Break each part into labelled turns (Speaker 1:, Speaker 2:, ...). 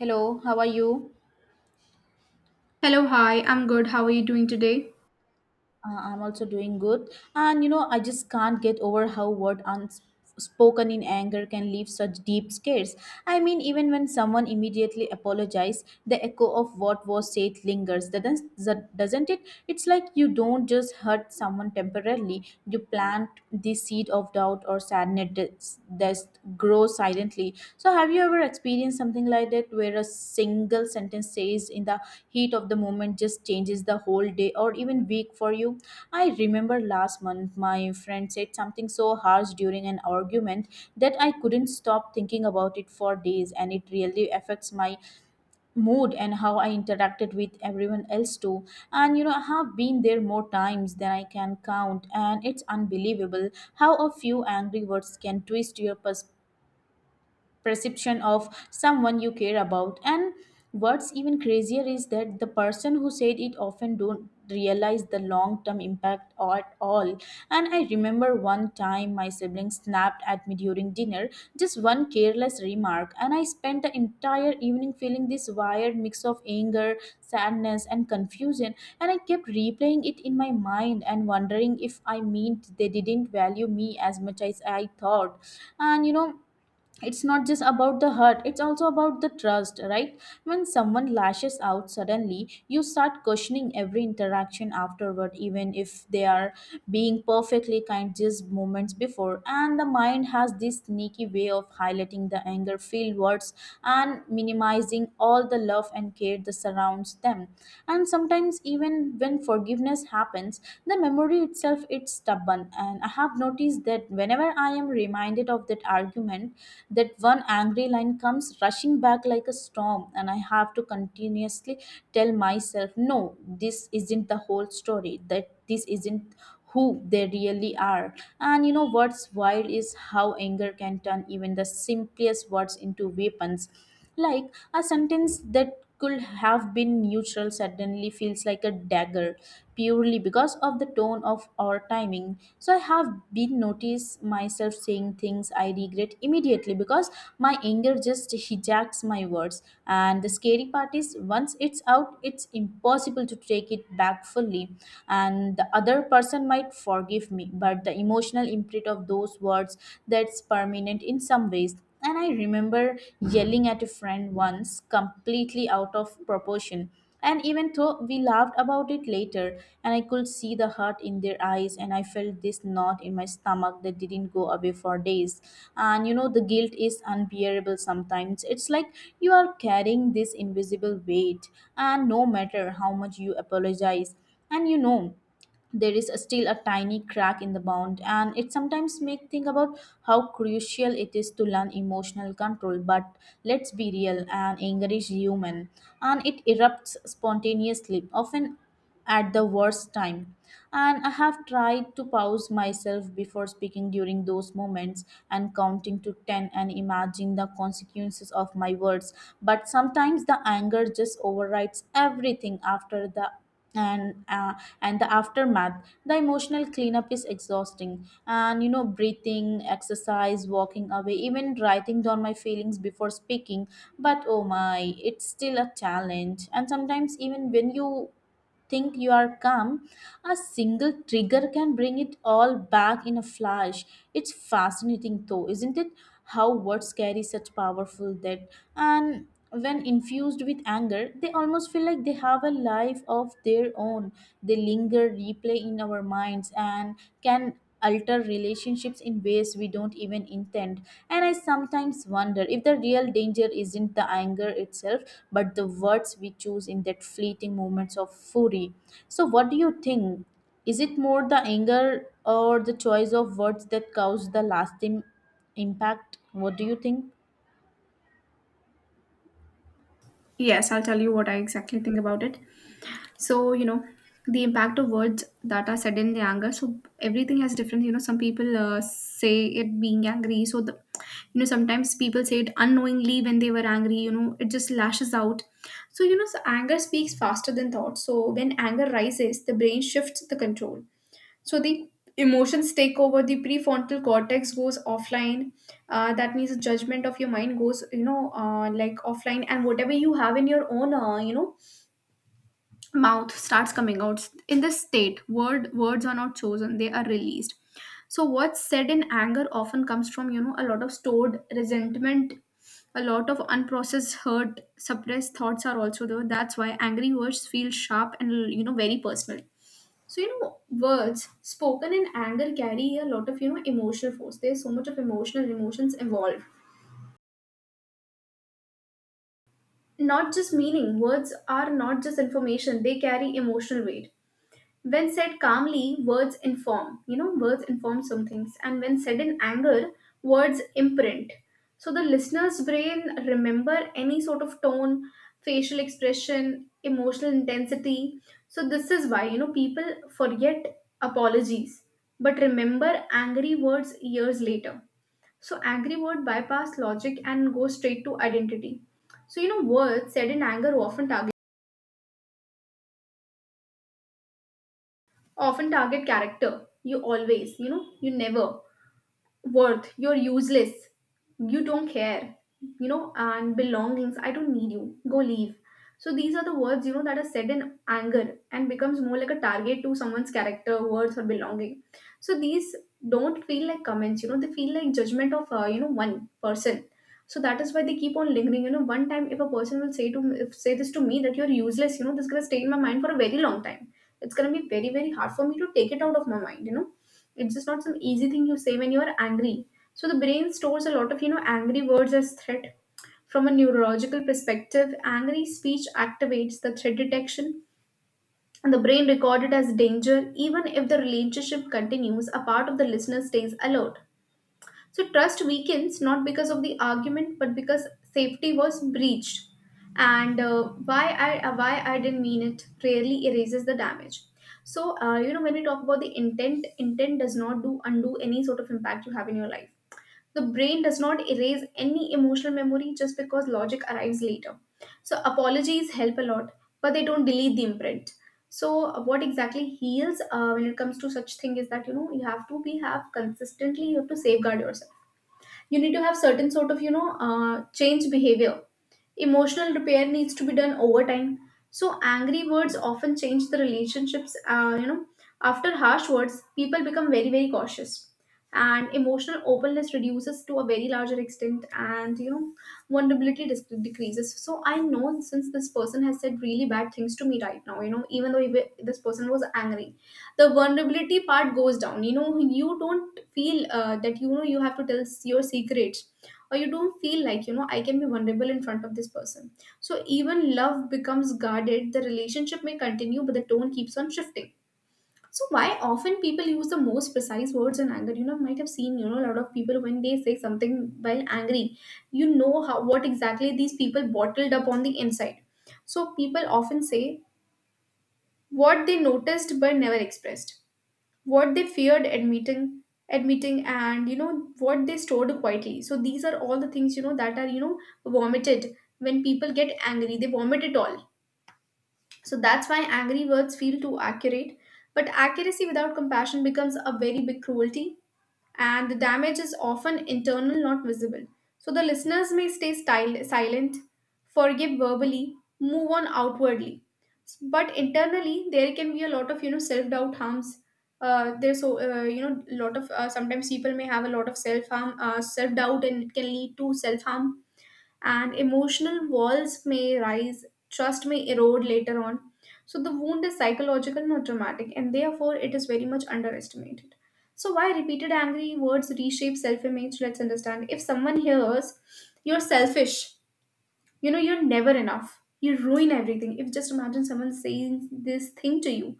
Speaker 1: Hello, how are you?
Speaker 2: Hello, hi, I'm good. How are you doing today?
Speaker 1: I'm also doing good. And you know, I just can't get over how word unspoken in anger can leave such deep scars. I mean, even when someone immediately apologizes, the echo of what was said lingers. Doesn't it? It's like you don't just hurt someone temporarily. You plant the seed of doubt or sadness. Does just grow silently. So, have you ever experienced something like that, where a single sentence says in the heat of the moment just changes the whole day or even week for you? I remember last month my friend said something so harsh during an argument that I couldn't stop thinking about it for days, and it really affects my mood and how I interacted with everyone else too. And you know, I have been there more times than I can count, and it's unbelievable how a few angry words can twist your perspective, perception of someone you care about. And what's even crazier is that the person who said it often don't realize the long term impact or at all. And I remember one time my sibling snapped at me during dinner, just one careless remark, and I spent the entire evening feeling this wired mix of anger, sadness, and confusion. And I kept replaying it in my mind and wondering if I meant they didn't value me as much as I thought. And you know, it's not just about the hurt, it's also about the trust, right? When someone lashes out suddenly, you start questioning every interaction afterward, even if they are being perfectly kind just moments before. And the mind has this sneaky way of highlighting the anger filled words and minimizing all the love and care that surrounds them. And sometimes even when forgiveness happens, the memory itself, it's stubborn. And I have noticed that whenever I am reminded of that argument, that one angry line comes rushing back like a storm, and I have to continuously tell myself no, this isn't the whole story, that this isn't who they really are. And you know what's wild is how anger can turn even the simplest words into weapons. Like, a sentence that could have been neutral suddenly feels like a dagger, purely because of the tone of our timing. So I have been noticed myself saying things I regret immediately because my anger just hijacks my words. And the scary part is, once it's out, it's impossible to take it back fully. And the other person might forgive me, but the emotional imprint of those words, that's permanent in some ways. And I remember yelling at a friend once, completely out of proportion. And even though we laughed about it later, and I could see the hurt in their eyes, and I felt this knot in my stomach that didn't go away for days. And you know, the guilt is unbearable sometimes. It's like you are carrying this invisible weight, and no matter how much you apologize, and you know, there is still a tiny crack in the bond. And it sometimes make think about how crucial it is to learn emotional control, but let's be real and encourage human, and it erupts spontaneously often at the worst time. And I have tried to pause myself before speaking during those moments, and counting to 10 and imagine the consequences of my words. But sometimes the anger just overrides everything after the and uh, and the aftermath, the emotional cleanup is exhausting. And you know, breathing exercise, walking away, even writing down my feelings before speaking, but oh my, it's still a challenge. And sometimes even when you think you are calm, a single trigger can bring it all back in a flash. It's fascinating, though, isn't it? How words carry such powerful depth. And when infused with anger, they almost feel like they have a life of their own. They linger, replay in our minds, and can alter relationships in ways we don't even intend. And I sometimes wonder if the real danger isn't the anger itself, but the words we choose in that fleeting moments of fury. So, what do you think? Is it more the anger or the choice of words that cause the lasting impact? What do you think?
Speaker 2: Yes, I'll tell you what I exactly think about it. So, you know, the impact of words that are said in the anger. So, everything has different, you know, some people say it being angry. You know, sometimes people say it unknowingly when they were angry, you know, it just lashes out. So anger speaks faster than thought. So, when anger rises, the brain shifts the control. So the emotions take over. The prefrontal cortex goes offline, that means the judgment of your mind goes, you know, like offline, and whatever you have in your own, you know, mouth starts coming out. In this state words are not chosen, they are released. So what's said in anger often comes from, you know, a lot of stored resentment, a lot of unprocessed hurt. Suppressed thoughts are also there. That's why angry words feel sharp and, you know, very personal. So, you know, words spoken in anger carry a lot of, you know, emotional force. There's so much of emotional emotions involved. Not just meaning. Words are not just information, they carry emotional weight. When said calmly, words inform. You know, words inform some things. And when said in anger, words imprint. So the listener's brain remember any sort of tone, facial expression, emotional intensity. So this is why, you know, people forget apologies but remember angry words years later. So angry word bypass logic and go straight to identity. So you know words said in anger often target character. You always, you know, you never worth, you're useless, you don't care, you know, and belongings, I don't need you, go, leave. So these are the words, you know, that are said in anger, and becomes more like a target to someone's character, words, or belonging. So these don't feel like comments, you know, they feel like judgment of, you know, one person. So that is why they keep on lingering. You know, one time if a person will say to, if, say this to me that you're useless, you know, this is going to stay in my mind for a very long time. It's going to be very hard for me to take it out of my mind, you know. It's just not some easy thing you say when you're angry. So the brain stores a lot of, you know, angry words as threat. From a neurological perspective, angry speech activates the threat detection, and the brain recorded as danger. Even if the relationship continues, a part of the listener stays alert. So trust weakens, not because of the argument, but because safety was breached. And why I didn't mean it rarely erases the damage. So you know, when we talk about the intent, does not do undo any sort of impact you have in your life. The brain does not erase any emotional memory just because logic arrives later. So apologies help a lot, but they don't delete the imprint. So what exactly heals, when it comes to such thing, is that, you know, you have to be have consistently, you have to safeguard yourself. You need to have certain sort of, you know, change behavior. Emotional repair needs to be done over time. So angry words often change the relationships. You know, after harsh words, people become very cautious, and emotional openness reduces to a very larger extent, and, you know, decreases. So I know since this person has said really bad things to me right now, you know, this person was angry, the vulnerability part goes down. You know, you don't feel, that, you know, you have to tell your secrets, or you don't feel like, you know, I can be vulnerable in front of this person. So even love becomes guarded. The relationship may continue but the tone keeps on shifting. So why often people use the most precise words in anger? You know, might have seen, you know, a lot of people when they say something while angry, you know how, what exactly these people bottled up on the inside. So people often say what they noticed but never expressed, what they feared admitting, and, you know, what they stored quietly. So these are all the things, you know, that are, you know, vomited. When people get angry they vomit it all. So that's why angry words feel too accurate, but accuracy without compassion becomes a very big cruelty. And the damage is often internal, not visible. So the listeners may stay silent, forgive verbally, move on outwardly, but internally there can be a lot of, you know, self doubt harms. There's so You know, lot of, sometimes people may have a lot of self harm, self doubt, and it can lead to self harm, and emotional walls may rise, trust may erode later on. So the wound is psychological, not traumatic, and therefore it is very much underestimated. So, why repeated angry words reshape self image? Let's understand. If someone hears, you're selfish, you know, you're never enough, you ruin everything. If just imagine someone saying this thing to you,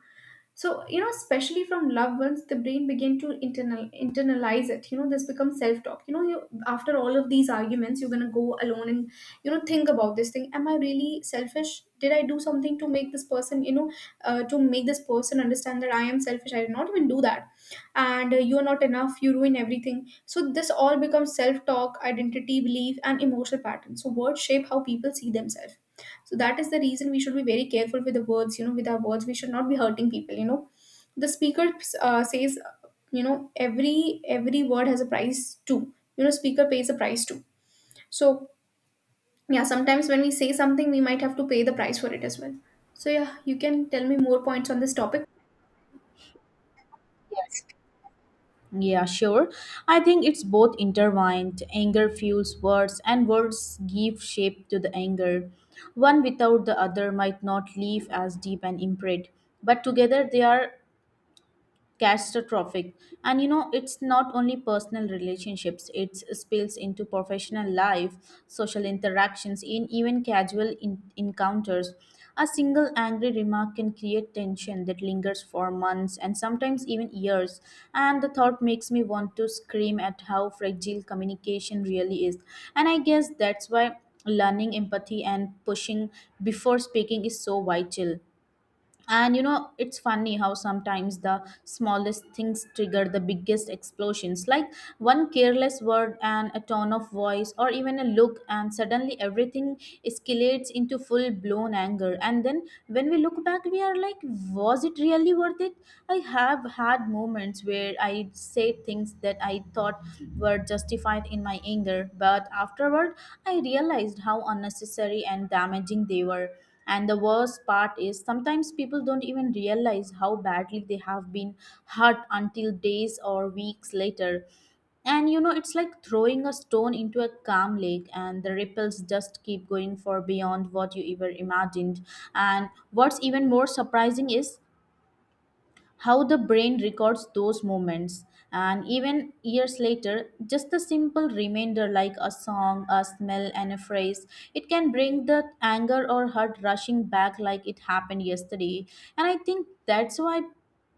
Speaker 2: so you know, especially from loved ones, the brain began to internalize it. You know, this becomes self talk. You know, you, after all of these arguments, you're going to go alone, and you know, think about this thing. Am I really selfish? Did I do something to make this person, you know, to make this person understand that I am selfish? I did not even do that. And you are not enough, you ruin everything. So this all becomes self talk, identity belief, and emotional patterns. So words shape how people see themselves. So that is the reason we should be very careful with the words, you know, with our words we should not be hurting people, you know. The speaker, says, you know, every every word has a price too. You know, speaker pays a price too. So yeah, sometimes when we say something we might have to pay the price for it as well. So yeah, you can tell me more points on this topic.
Speaker 1: Yeah, sure. I think it's both intertwined. Anger fuels words, and words give shape to the anger. One without the other might not leave as deep an imprint, but together they are catastrophic. And you know, it's not only personal relationships, it spills into professional life, social interactions, in even casual encounters. A single angry remark can create tension that lingers for months and sometimes even years. And the thought makes me want to scream at how fragile communication really is. And I guess that's why learning empathy and pushing before speaking is so vital. And you know, it's funny how sometimes the smallest things trigger the biggest explosions. Like, one careless word and a tone of voice, or even a look, and suddenly everything escalates into full blown anger. And then when we look back, we are like, was it really worth it? I have had moments where I said things that I thought were justified in my anger, but afterward, I realized how unnecessary and damaging they were. And the worst part is, sometimes people don't even realize how badly they have been hurt until days or weeks later. And you know, it's like throwing a stone into a calm lake, and the ripples just keep going for beyond what you ever imagined. And what's even more surprising is how the brain records those moments. And even years later, just a simple reminder, like a song, a smell, and a phrase, it can bring the anger or hurt rushing back like it happened yesterday. And I think that's why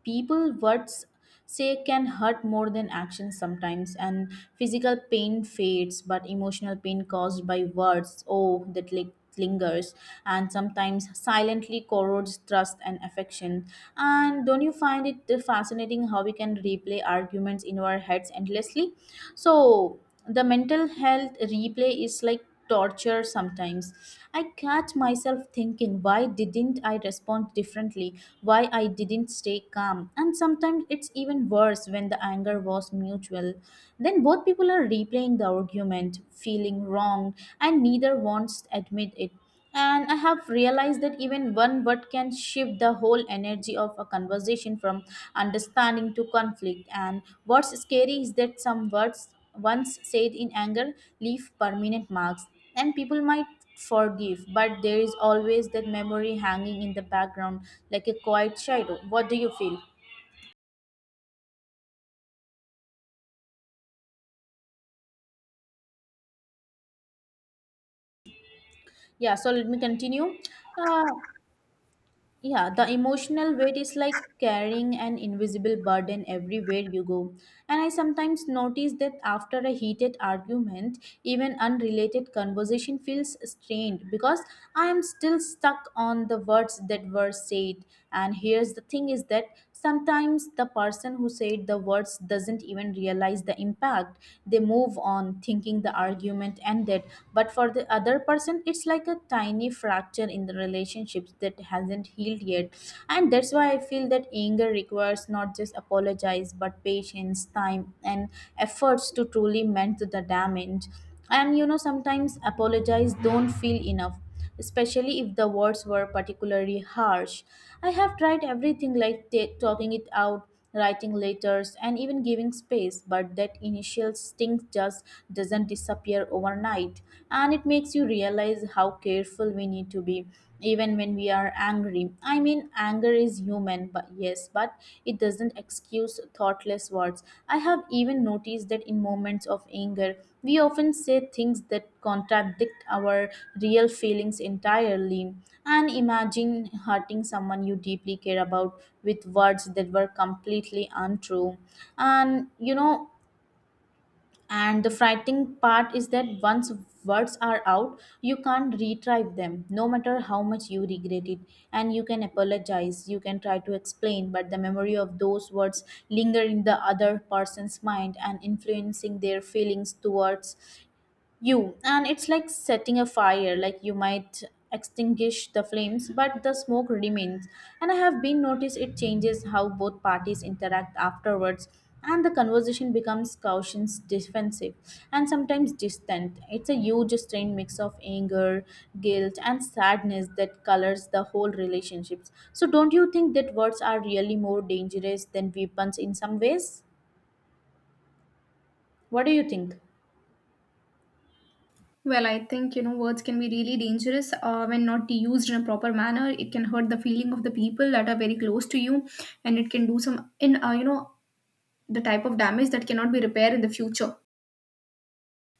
Speaker 1: people words say can hurt more than action sometimes. And physical pain fades, but emotional pain caused by words, oh, that lingers, and sometimes silently corrodes trust and affection. And don't you find it fascinating how we can replay arguments in our heads endlessly? So the mental health replay is like torture sometimes. I catch myself thinking, why didn't I respond differently? Why I didn't stay calm? And sometimes it's even worse when the anger was mutual. Then both people are replaying the argument, feeling wronged, and neither wants to admit it. And I have realized that even one word can shift the whole energy of a conversation from understanding to conflict. And what's scary is that some words once said in anger leave permanent marks, and people might forgive, but there is always that memory hanging in the background like a quiet shadow. What do you feel? Yeah, so let me continue. Uh, Yeah, the emotional weight is like carrying an invisible burden everywhere you go. And I sometimes notice that after a heated argument, even unrelated conversation feels strained because I am still stuck on the words that were said. And here's the thing is that, sometimes the person who said the words doesn't even realize the impact. They move on thinking the argument ended, but for the other person, it's like a tiny fracture in the relationships that hasn't healed yet. And that's why I feel that anger requires not just apologize but patience, time, and efforts to truly mend the damage. And you know, sometimes apologize don't feel enough, especially if the words were particularly harsh. I have tried everything, like talking it out, writing letters, and even giving space, but that initial sting just doesn't disappear overnight. And it makes you realize how careful we need to be even when we are angry. I mean, anger is human, but yes, but it doesn't excuse thoughtless words. I have even noticed that in moments of anger, we often say things that contradict our real feelings entirely. And imagine hurting someone you deeply care about with words that were completely untrue. And you know, and the frightening part is that once words are out, you can't retrieve them, no matter how much you regret it. And you can apologize, you can try to explain, but the memory of those words linger in the other person's mind and influencing their feelings towards you. And it's like setting a fire, like you might extinguish the flames, but the smoke remains. And I have been noticed it changes how both parties interact afterwards, and the conversation becomes cautious, defensive, and sometimes distant. It's a huge strained mix of anger, guilt, and sadness that colors the whole relationships. So, don't you think that words are really more dangerous than weapons in some ways? What do you think?
Speaker 2: Well, I think, you know, words can be really dangerous, when not used in a proper manner. It can hurt the feeling of the people that are very close to you, and it can do some in, you know, the type of damage that cannot be repaired in the future.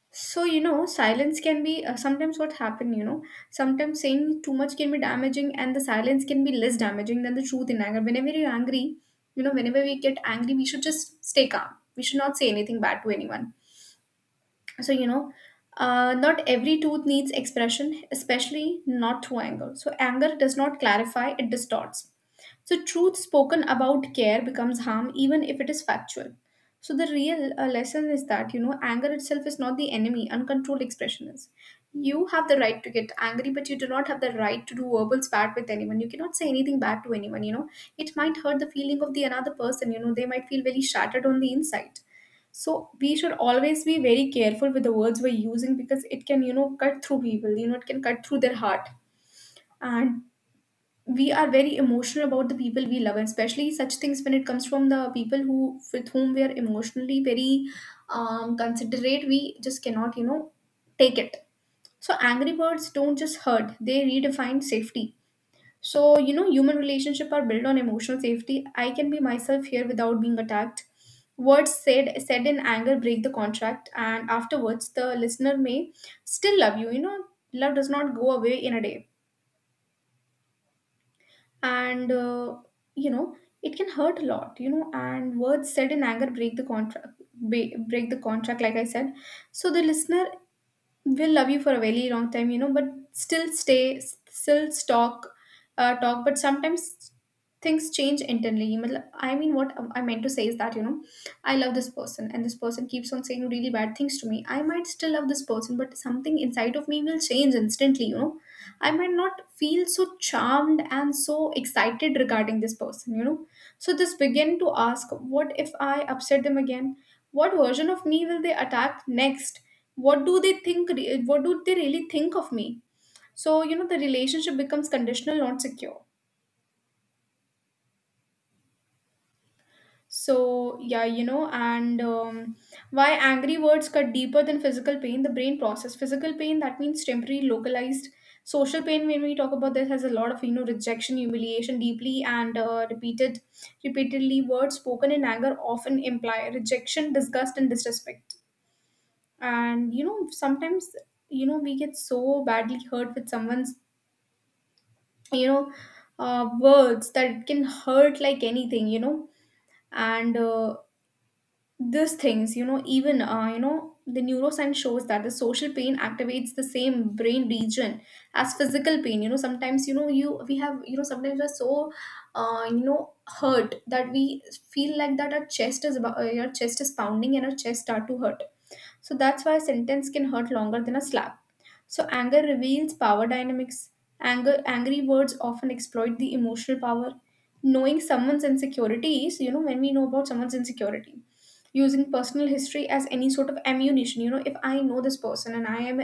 Speaker 2: So, you know, silence can be, sometimes what happen, you know, sometimes saying too much can be damaging, and the silence can be less damaging than the truth in anger. Whenever you're angry, you know, whenever we get angry, we should just stay calm. We should not say anything bad to anyone. So you know, not every tooth needs expression, especially not through anger. So anger does not clarify, it distorts. So truth spoken about care becomes harm even if it is factual. So the real lesson is that, you know, anger itself is not the enemy, uncontrolled expression is. You have the right to get angry but you do not have the right to do verbal spat with anyone. You cannot say anything bad to anyone, you know, it might hurt the feeling of the another person, you know, they might feel very shattered on the inside. So we should always be very careful with the words we're using, because it can, you know, cut through people, you know, it can cut through their heart. And we are very emotional about the people we love, and especially such things when it comes from the people who with whom we are emotionally very considerate, we just cannot, you know, take it. So angry birds don't just hurt, they redefine safety. So, you know, human relationships are built on emotional safety. I can be myself here without being attacked. Words said in anger break the contract, and afterwards the listener may still love you. You know, love does not go away in a day, and you know, it can hurt a lot. You know, and words said in anger break the contract, break the contract. Like I said, so the listener will love you for a very long time, you know, but still talk but sometimes things change internally I mean what I meant to say is that, you know, I love this person and this person keeps on saying really bad things to me. I might still love this person, but something inside of me will change instantly, you know. I might not feel so charmed and so excited regarding this person, you know, so this begin to ask, what if I upset them again? What version of me will they attack next? What do they think, what do they really think of me? So, you know, the relationship becomes conditional, not secure. So yeah, you know, and why angry words cut deeper than physical pain. The brain process physical pain, that means temporary, localized. Social pain, when we talk about this, has a lot of, you know, rejection, humiliation, deeply and repeatedly words spoken in anger often imply rejection, disgust, and disrespect. And you know, sometimes, you know, we get so badly hurt with someone's, you know, words that can hurt like anything, you know. And these things, you know, even you know, the neuroscience shows that the social pain activates the same brain region as physical pain. You know, sometimes, you know, you we have, you know, sometimes we're so you know, hurt that we feel like that our chest is pounding and our chest start to hurt. So that's why a sentence can hurt longer than a slap. So anger reveals power dynamics. Angry words often exploit the emotional power. Knowing someone's insecurities, you know, when we know about someone's insecurity, using personal history as any sort of ammunition. You know, if I know this person and I am,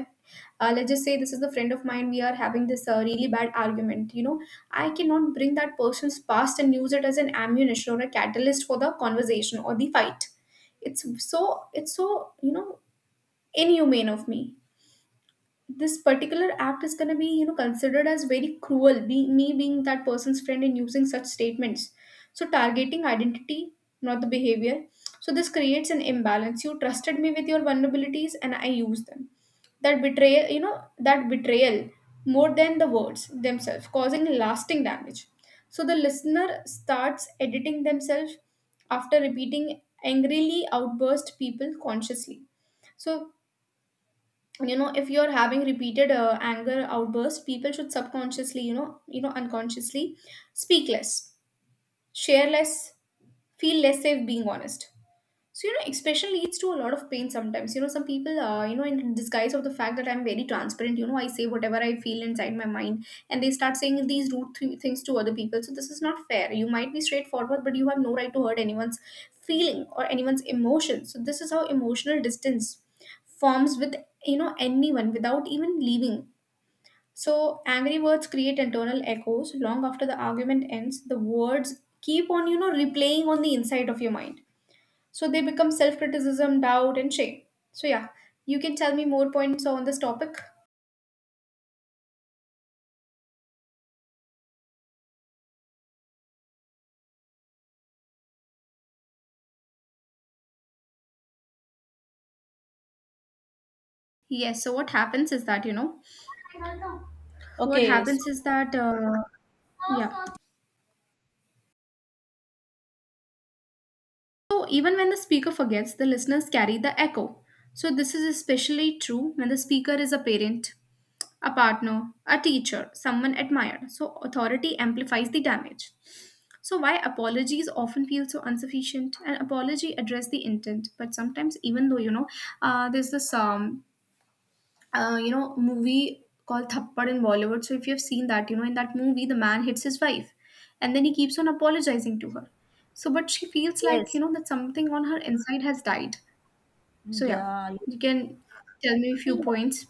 Speaker 2: let's just say this is a friend of mine, we are having this really bad argument. You know, I cannot bring that person's past and use it as an ammunition or a catalyst for the conversation or the fight. It's so, you know, inhumane of me. This particular act is going to be, you know, considered as very cruel, me being that person's friend and using such statements. So targeting identity, not the behavior. So this creates an imbalance. You trusted me with your vulnerabilities and I use them. That betrayal, you know, that betrayal, more than the words themselves, causing lasting damage. So the listener starts editing themselves. After repeating angrily outburst, people consciously. So you know, if you're having repeated anger outbursts, people should subconsciously, you know, unconsciously speak less, share less, feel less safe being honest. So, you know, expression leads to a lot of pain sometimes. You know, some people, you know, in disguise of the fact that I'm very transparent, you know, I say whatever I feel inside my mind and they start saying these rude things to other people. So, this is not fair. You might be straightforward, but you have no right to hurt anyone's feeling or anyone's emotion. So, this is how emotional distance forms with, you know, anyone without even leaving. So, angry words create internal echoes. Long after the argument ends, the words keep on, you know, replaying on the inside of your mind, so they become self criticism, doubt, and shame. So, yeah, you can tell me more points on this topic. Yes, so what happens is that, you know, what
Speaker 1: Okay, so
Speaker 2: happens is that, yeah. So even when the speaker forgets, the listeners carry the echo. So this is especially true when the speaker is a parent, a partner, a teacher, someone admired. So authority amplifies the damage. So why apologies often feel so insufficient? An apology address the intent, but sometimes even though, you know, there's this you know, movie called Thappad in Bollywood. So if you have seen that, you know, in that movie, the man hits his wife and then he keeps on apologizing to her. So, but she feels like, you
Speaker 1: yes,
Speaker 2: know, that something on her inside has died. So, yeah,
Speaker 1: yeah.
Speaker 2: you can tell me a few
Speaker 1: Yeah.
Speaker 2: points.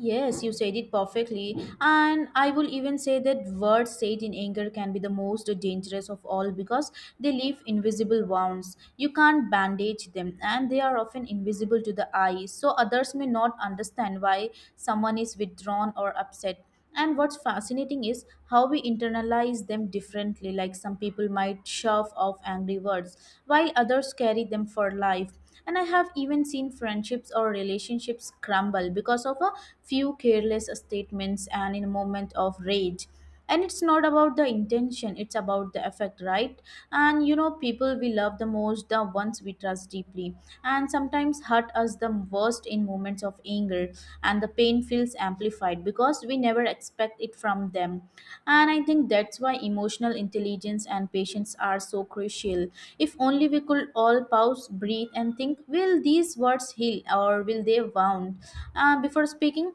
Speaker 1: Yes, you said it perfectly. And I will even say that words said in anger can be the most dangerous of all because they leave invisible wounds. You can't bandage them, and they are often invisible to the eye, so others may not understand why someone is withdrawn or upset. And what's fascinating is how we internalize them differently. Like, some people might shove off angry words, while others carry them for life. And I have even seen friendships or relationships crumble because of a few careless statements and in a moment of rage. And it's not about the intention, it's about the effect, right? And people we love the most, the ones we trust deeply, and sometimes hurt us the worst in moments of anger, and the pain feels amplified because we never expect it from them. And I think that's why emotional intelligence and patience are so crucial. If only we could all pause, breathe, and think, will these words heal or will they wound, before speaking.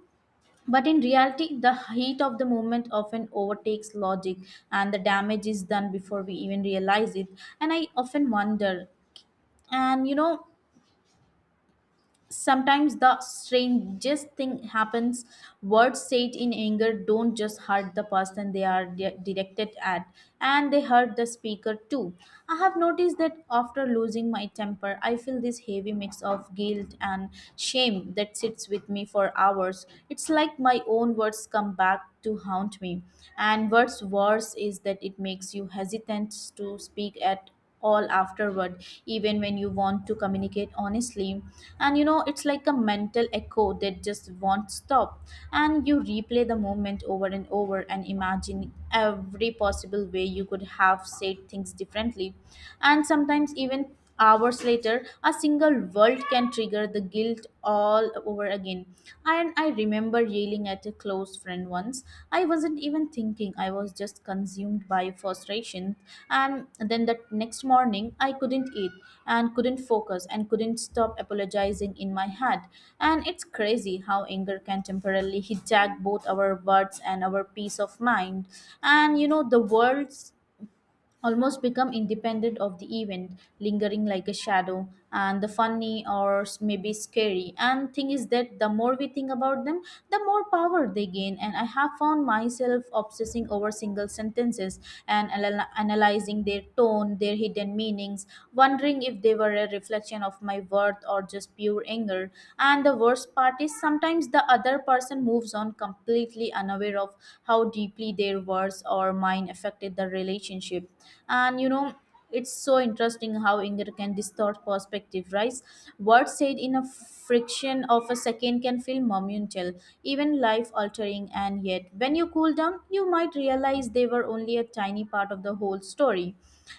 Speaker 1: But in reality, the heat of the moment often overtakes logic, and the damage is done before we even realize it. And I often wonder, and sometimes the strangest thing happens. Words said in anger don't just hurt the person they are directed at, and they hurt the speaker too. I have noticed that after losing my temper, I feel this heavy mix of guilt and shame that sits with me for hours. It's like my own words come back to haunt me. And what's worse is that it makes you hesitant to speak at all afterward, even when you want to communicate honestly. And it's like a mental echo that just won't stop, and you replay the moment over and over, and imagine every possible way you could have said things differently. And sometimes even hours later, a single word can trigger the guilt all over again. And I remember yelling at a close friend once. I wasn't even thinking, I was just consumed by frustration. And then the next morning, I couldn't eat and couldn't focus and couldn't stop apologizing in my head. And it's crazy how anger can temporarily hijack both our words and our peace of mind. And the words almost become independent of the event, lingering like a shadow, and the funny or maybe scary. And thing is that the more we think about them, the more power they gain. And I have found myself obsessing over single sentences and analyzing their tone, their hidden meanings, wondering if they were a reflection of my worth or just pure anger. And the worst part is sometimes the other person moves on completely unaware of how deeply their words or mine affected the relationship. And it's so interesting how anger can distort perspective, right? Words said in a friction of a second can feel monumental, even life altering, and yet when you cool down you might realize they were only a tiny part of the whole story.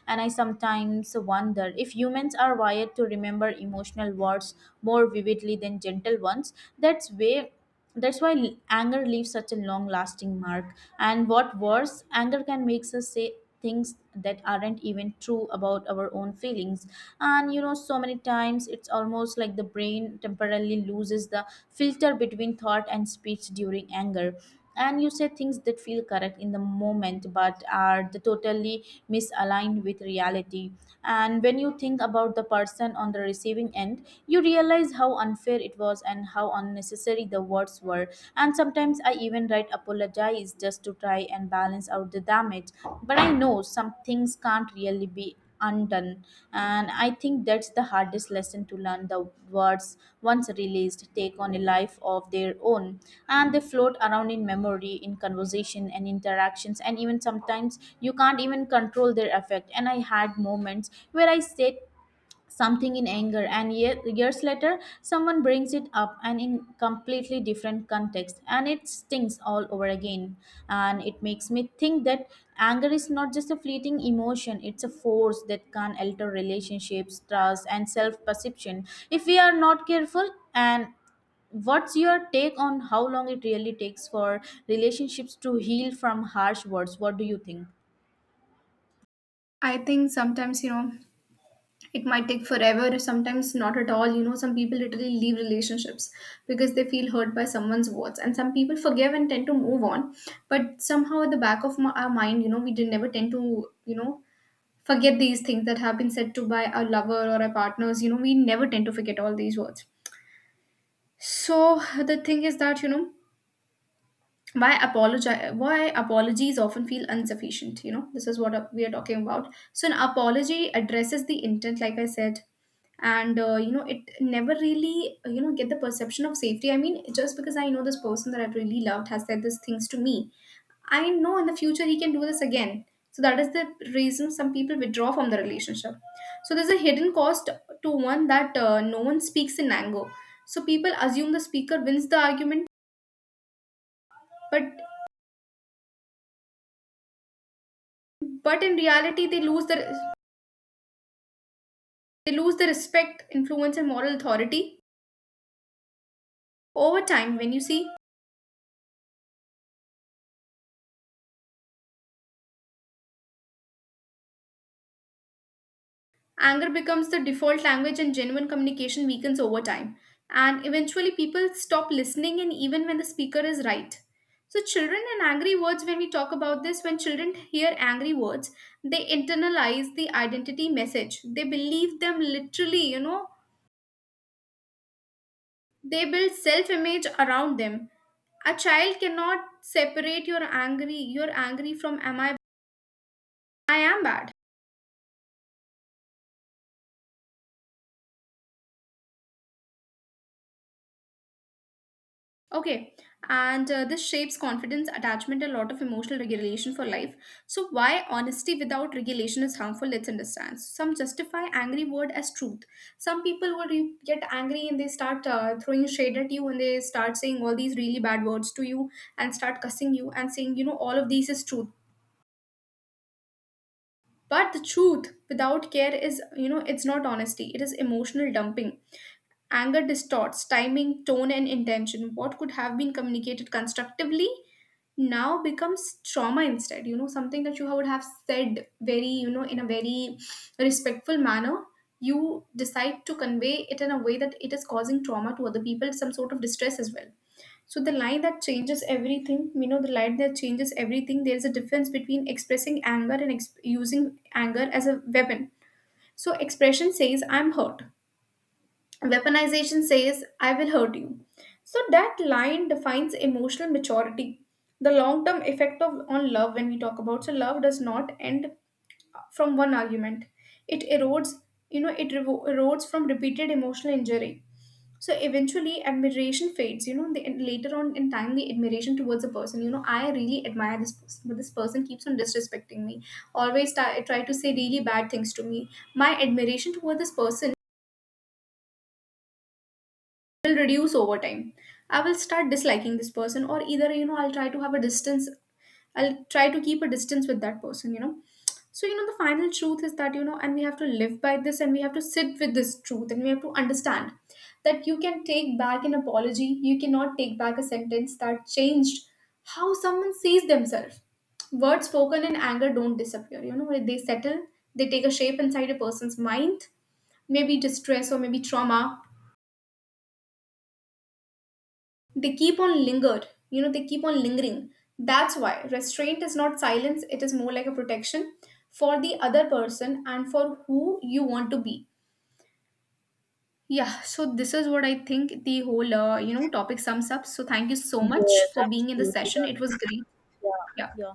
Speaker 1: And I sometimes wonder if humans are wired to remember emotional words more vividly than gentle ones. that's way that's why anger leaves such a long lasting mark. And what worse, anger can make us say things that aren't even true about our own feelings. And so many times it's almost like the brain temporarily loses the filter between thought and speech during anger, and you say things that feel correct in the moment but are the totally misaligned with reality. And when you think about the person on the receiving end, you realize how unfair it was and how unnecessary the words were. And sometimes I even write apologize just to try and balance out the damage, but I know some things can't really be undone. And I think that's the hardest lesson to learn, the words once released take on a life of their own, and they float around in memory, in conversation and interactions, and even sometimes you can't even control their effect. And I had moments where I said something in anger and years later someone brings it up and in completely different context and it stings all over again. And it makes me think that anger is not just a fleeting emotion, it's a force that can alter relationships, trust, and self perception if we are not careful. And what's your take on how long it really takes for relationships to heal from harsh words? What do you think?
Speaker 2: I think sometimes, you know, it might take forever, sometimes not at all. You know, some people literally leave relationships because they feel hurt by someone's words. And some people forgive and tend to move on. But somehow, at the back of my, our mind, you know, we did never tend to, you know, forget these things that have been said to by our lover or our partners, you know, we never tend to forget all these words. So the thing is that, you know, why apologize, why apologies often feel insufficient, you know, this is what we are talking about. So an apology addresses the intent, like I said. And you know, it never really, you know, get the perception of safety. I mean, just because I know this person that I really loved has said these things to me, I know in the future he can do this again. So that is the reason some people withdraw from the relationship. So there's a hidden cost to one that, no one speaks in anger. So people assume the speaker wins the argument, but but in reality they lose their, they lose their respect, influence, and moral authority over time. When you see, anger becomes the default language and genuine communication weakens over time, and eventually people stop listening and even when the speaker is right. So children and angry words, when we talk about this, when children hear angry words, they internalize the identity message, they believe them literally, you know, they build self image around them. A child cannot separate your angry from, am I am bad. Okay. And this shapes confidence, attachment, and a lot of emotional regulation for life. So, why honesty without regulation is harmful, let's understand. Some justify angry word as truth. Some people will get angry and they start throwing shade at you and they start saying all these really bad words to you and start cussing you and saying, you know, all of these is truth. But the truth without care is, you know, it's not honesty, it is emotional dumping. Anger distorts timing, tone, and intention. What could have been communicated constructively now becomes trauma instead. You know, something that you would have said very, you know, in a very respectful manner, you decide to convey it in a way that it is causing trauma to other people, some sort of distress as well. So the line that changes everything, you know, the line that changes everything, there's a difference between expressing anger and using anger as a weapon. So expression says, I'm hurt. Weaponization says, I will hurt you. So that line defines emotional maturity. The long term effect of on love when we talk about, so love does not end from one argument. It erodes, you know, it erodes from repeated emotional injury. So eventually admiration fades, you know, the, and later on in time the admiration towards a person, you know, I really admire this person, but this person keeps on disrespecting me, always try to say really bad things to me. My admiration toward this person will reduce over time. I will start disliking this person, or either, you know, I'll try to have a distance, I'll try to keep a distance with that person, you know. So, you know, the final truth is that, you know, and we have to live by this and we have to sit with this truth and we have to understand that you can take back an apology, you cannot take back a sentence that changed how someone sees themselves. Words spoken in anger don't disappear, you know, they settle, they take a shape inside a person's mind, maybe distress or maybe trauma. They keep on lingered, you know, they keep on lingering. That's why restraint is not silence, it is more like a protection for the other person and for who you want to be. Yeah, so this is what I think the whole, you know, topic sums up. So thank you so much
Speaker 1: Yes,
Speaker 2: for being in the
Speaker 1: absolutely. You're
Speaker 2: session. It
Speaker 1: right.
Speaker 2: was great.
Speaker 1: Yeah,
Speaker 2: Yeah.
Speaker 1: yeah.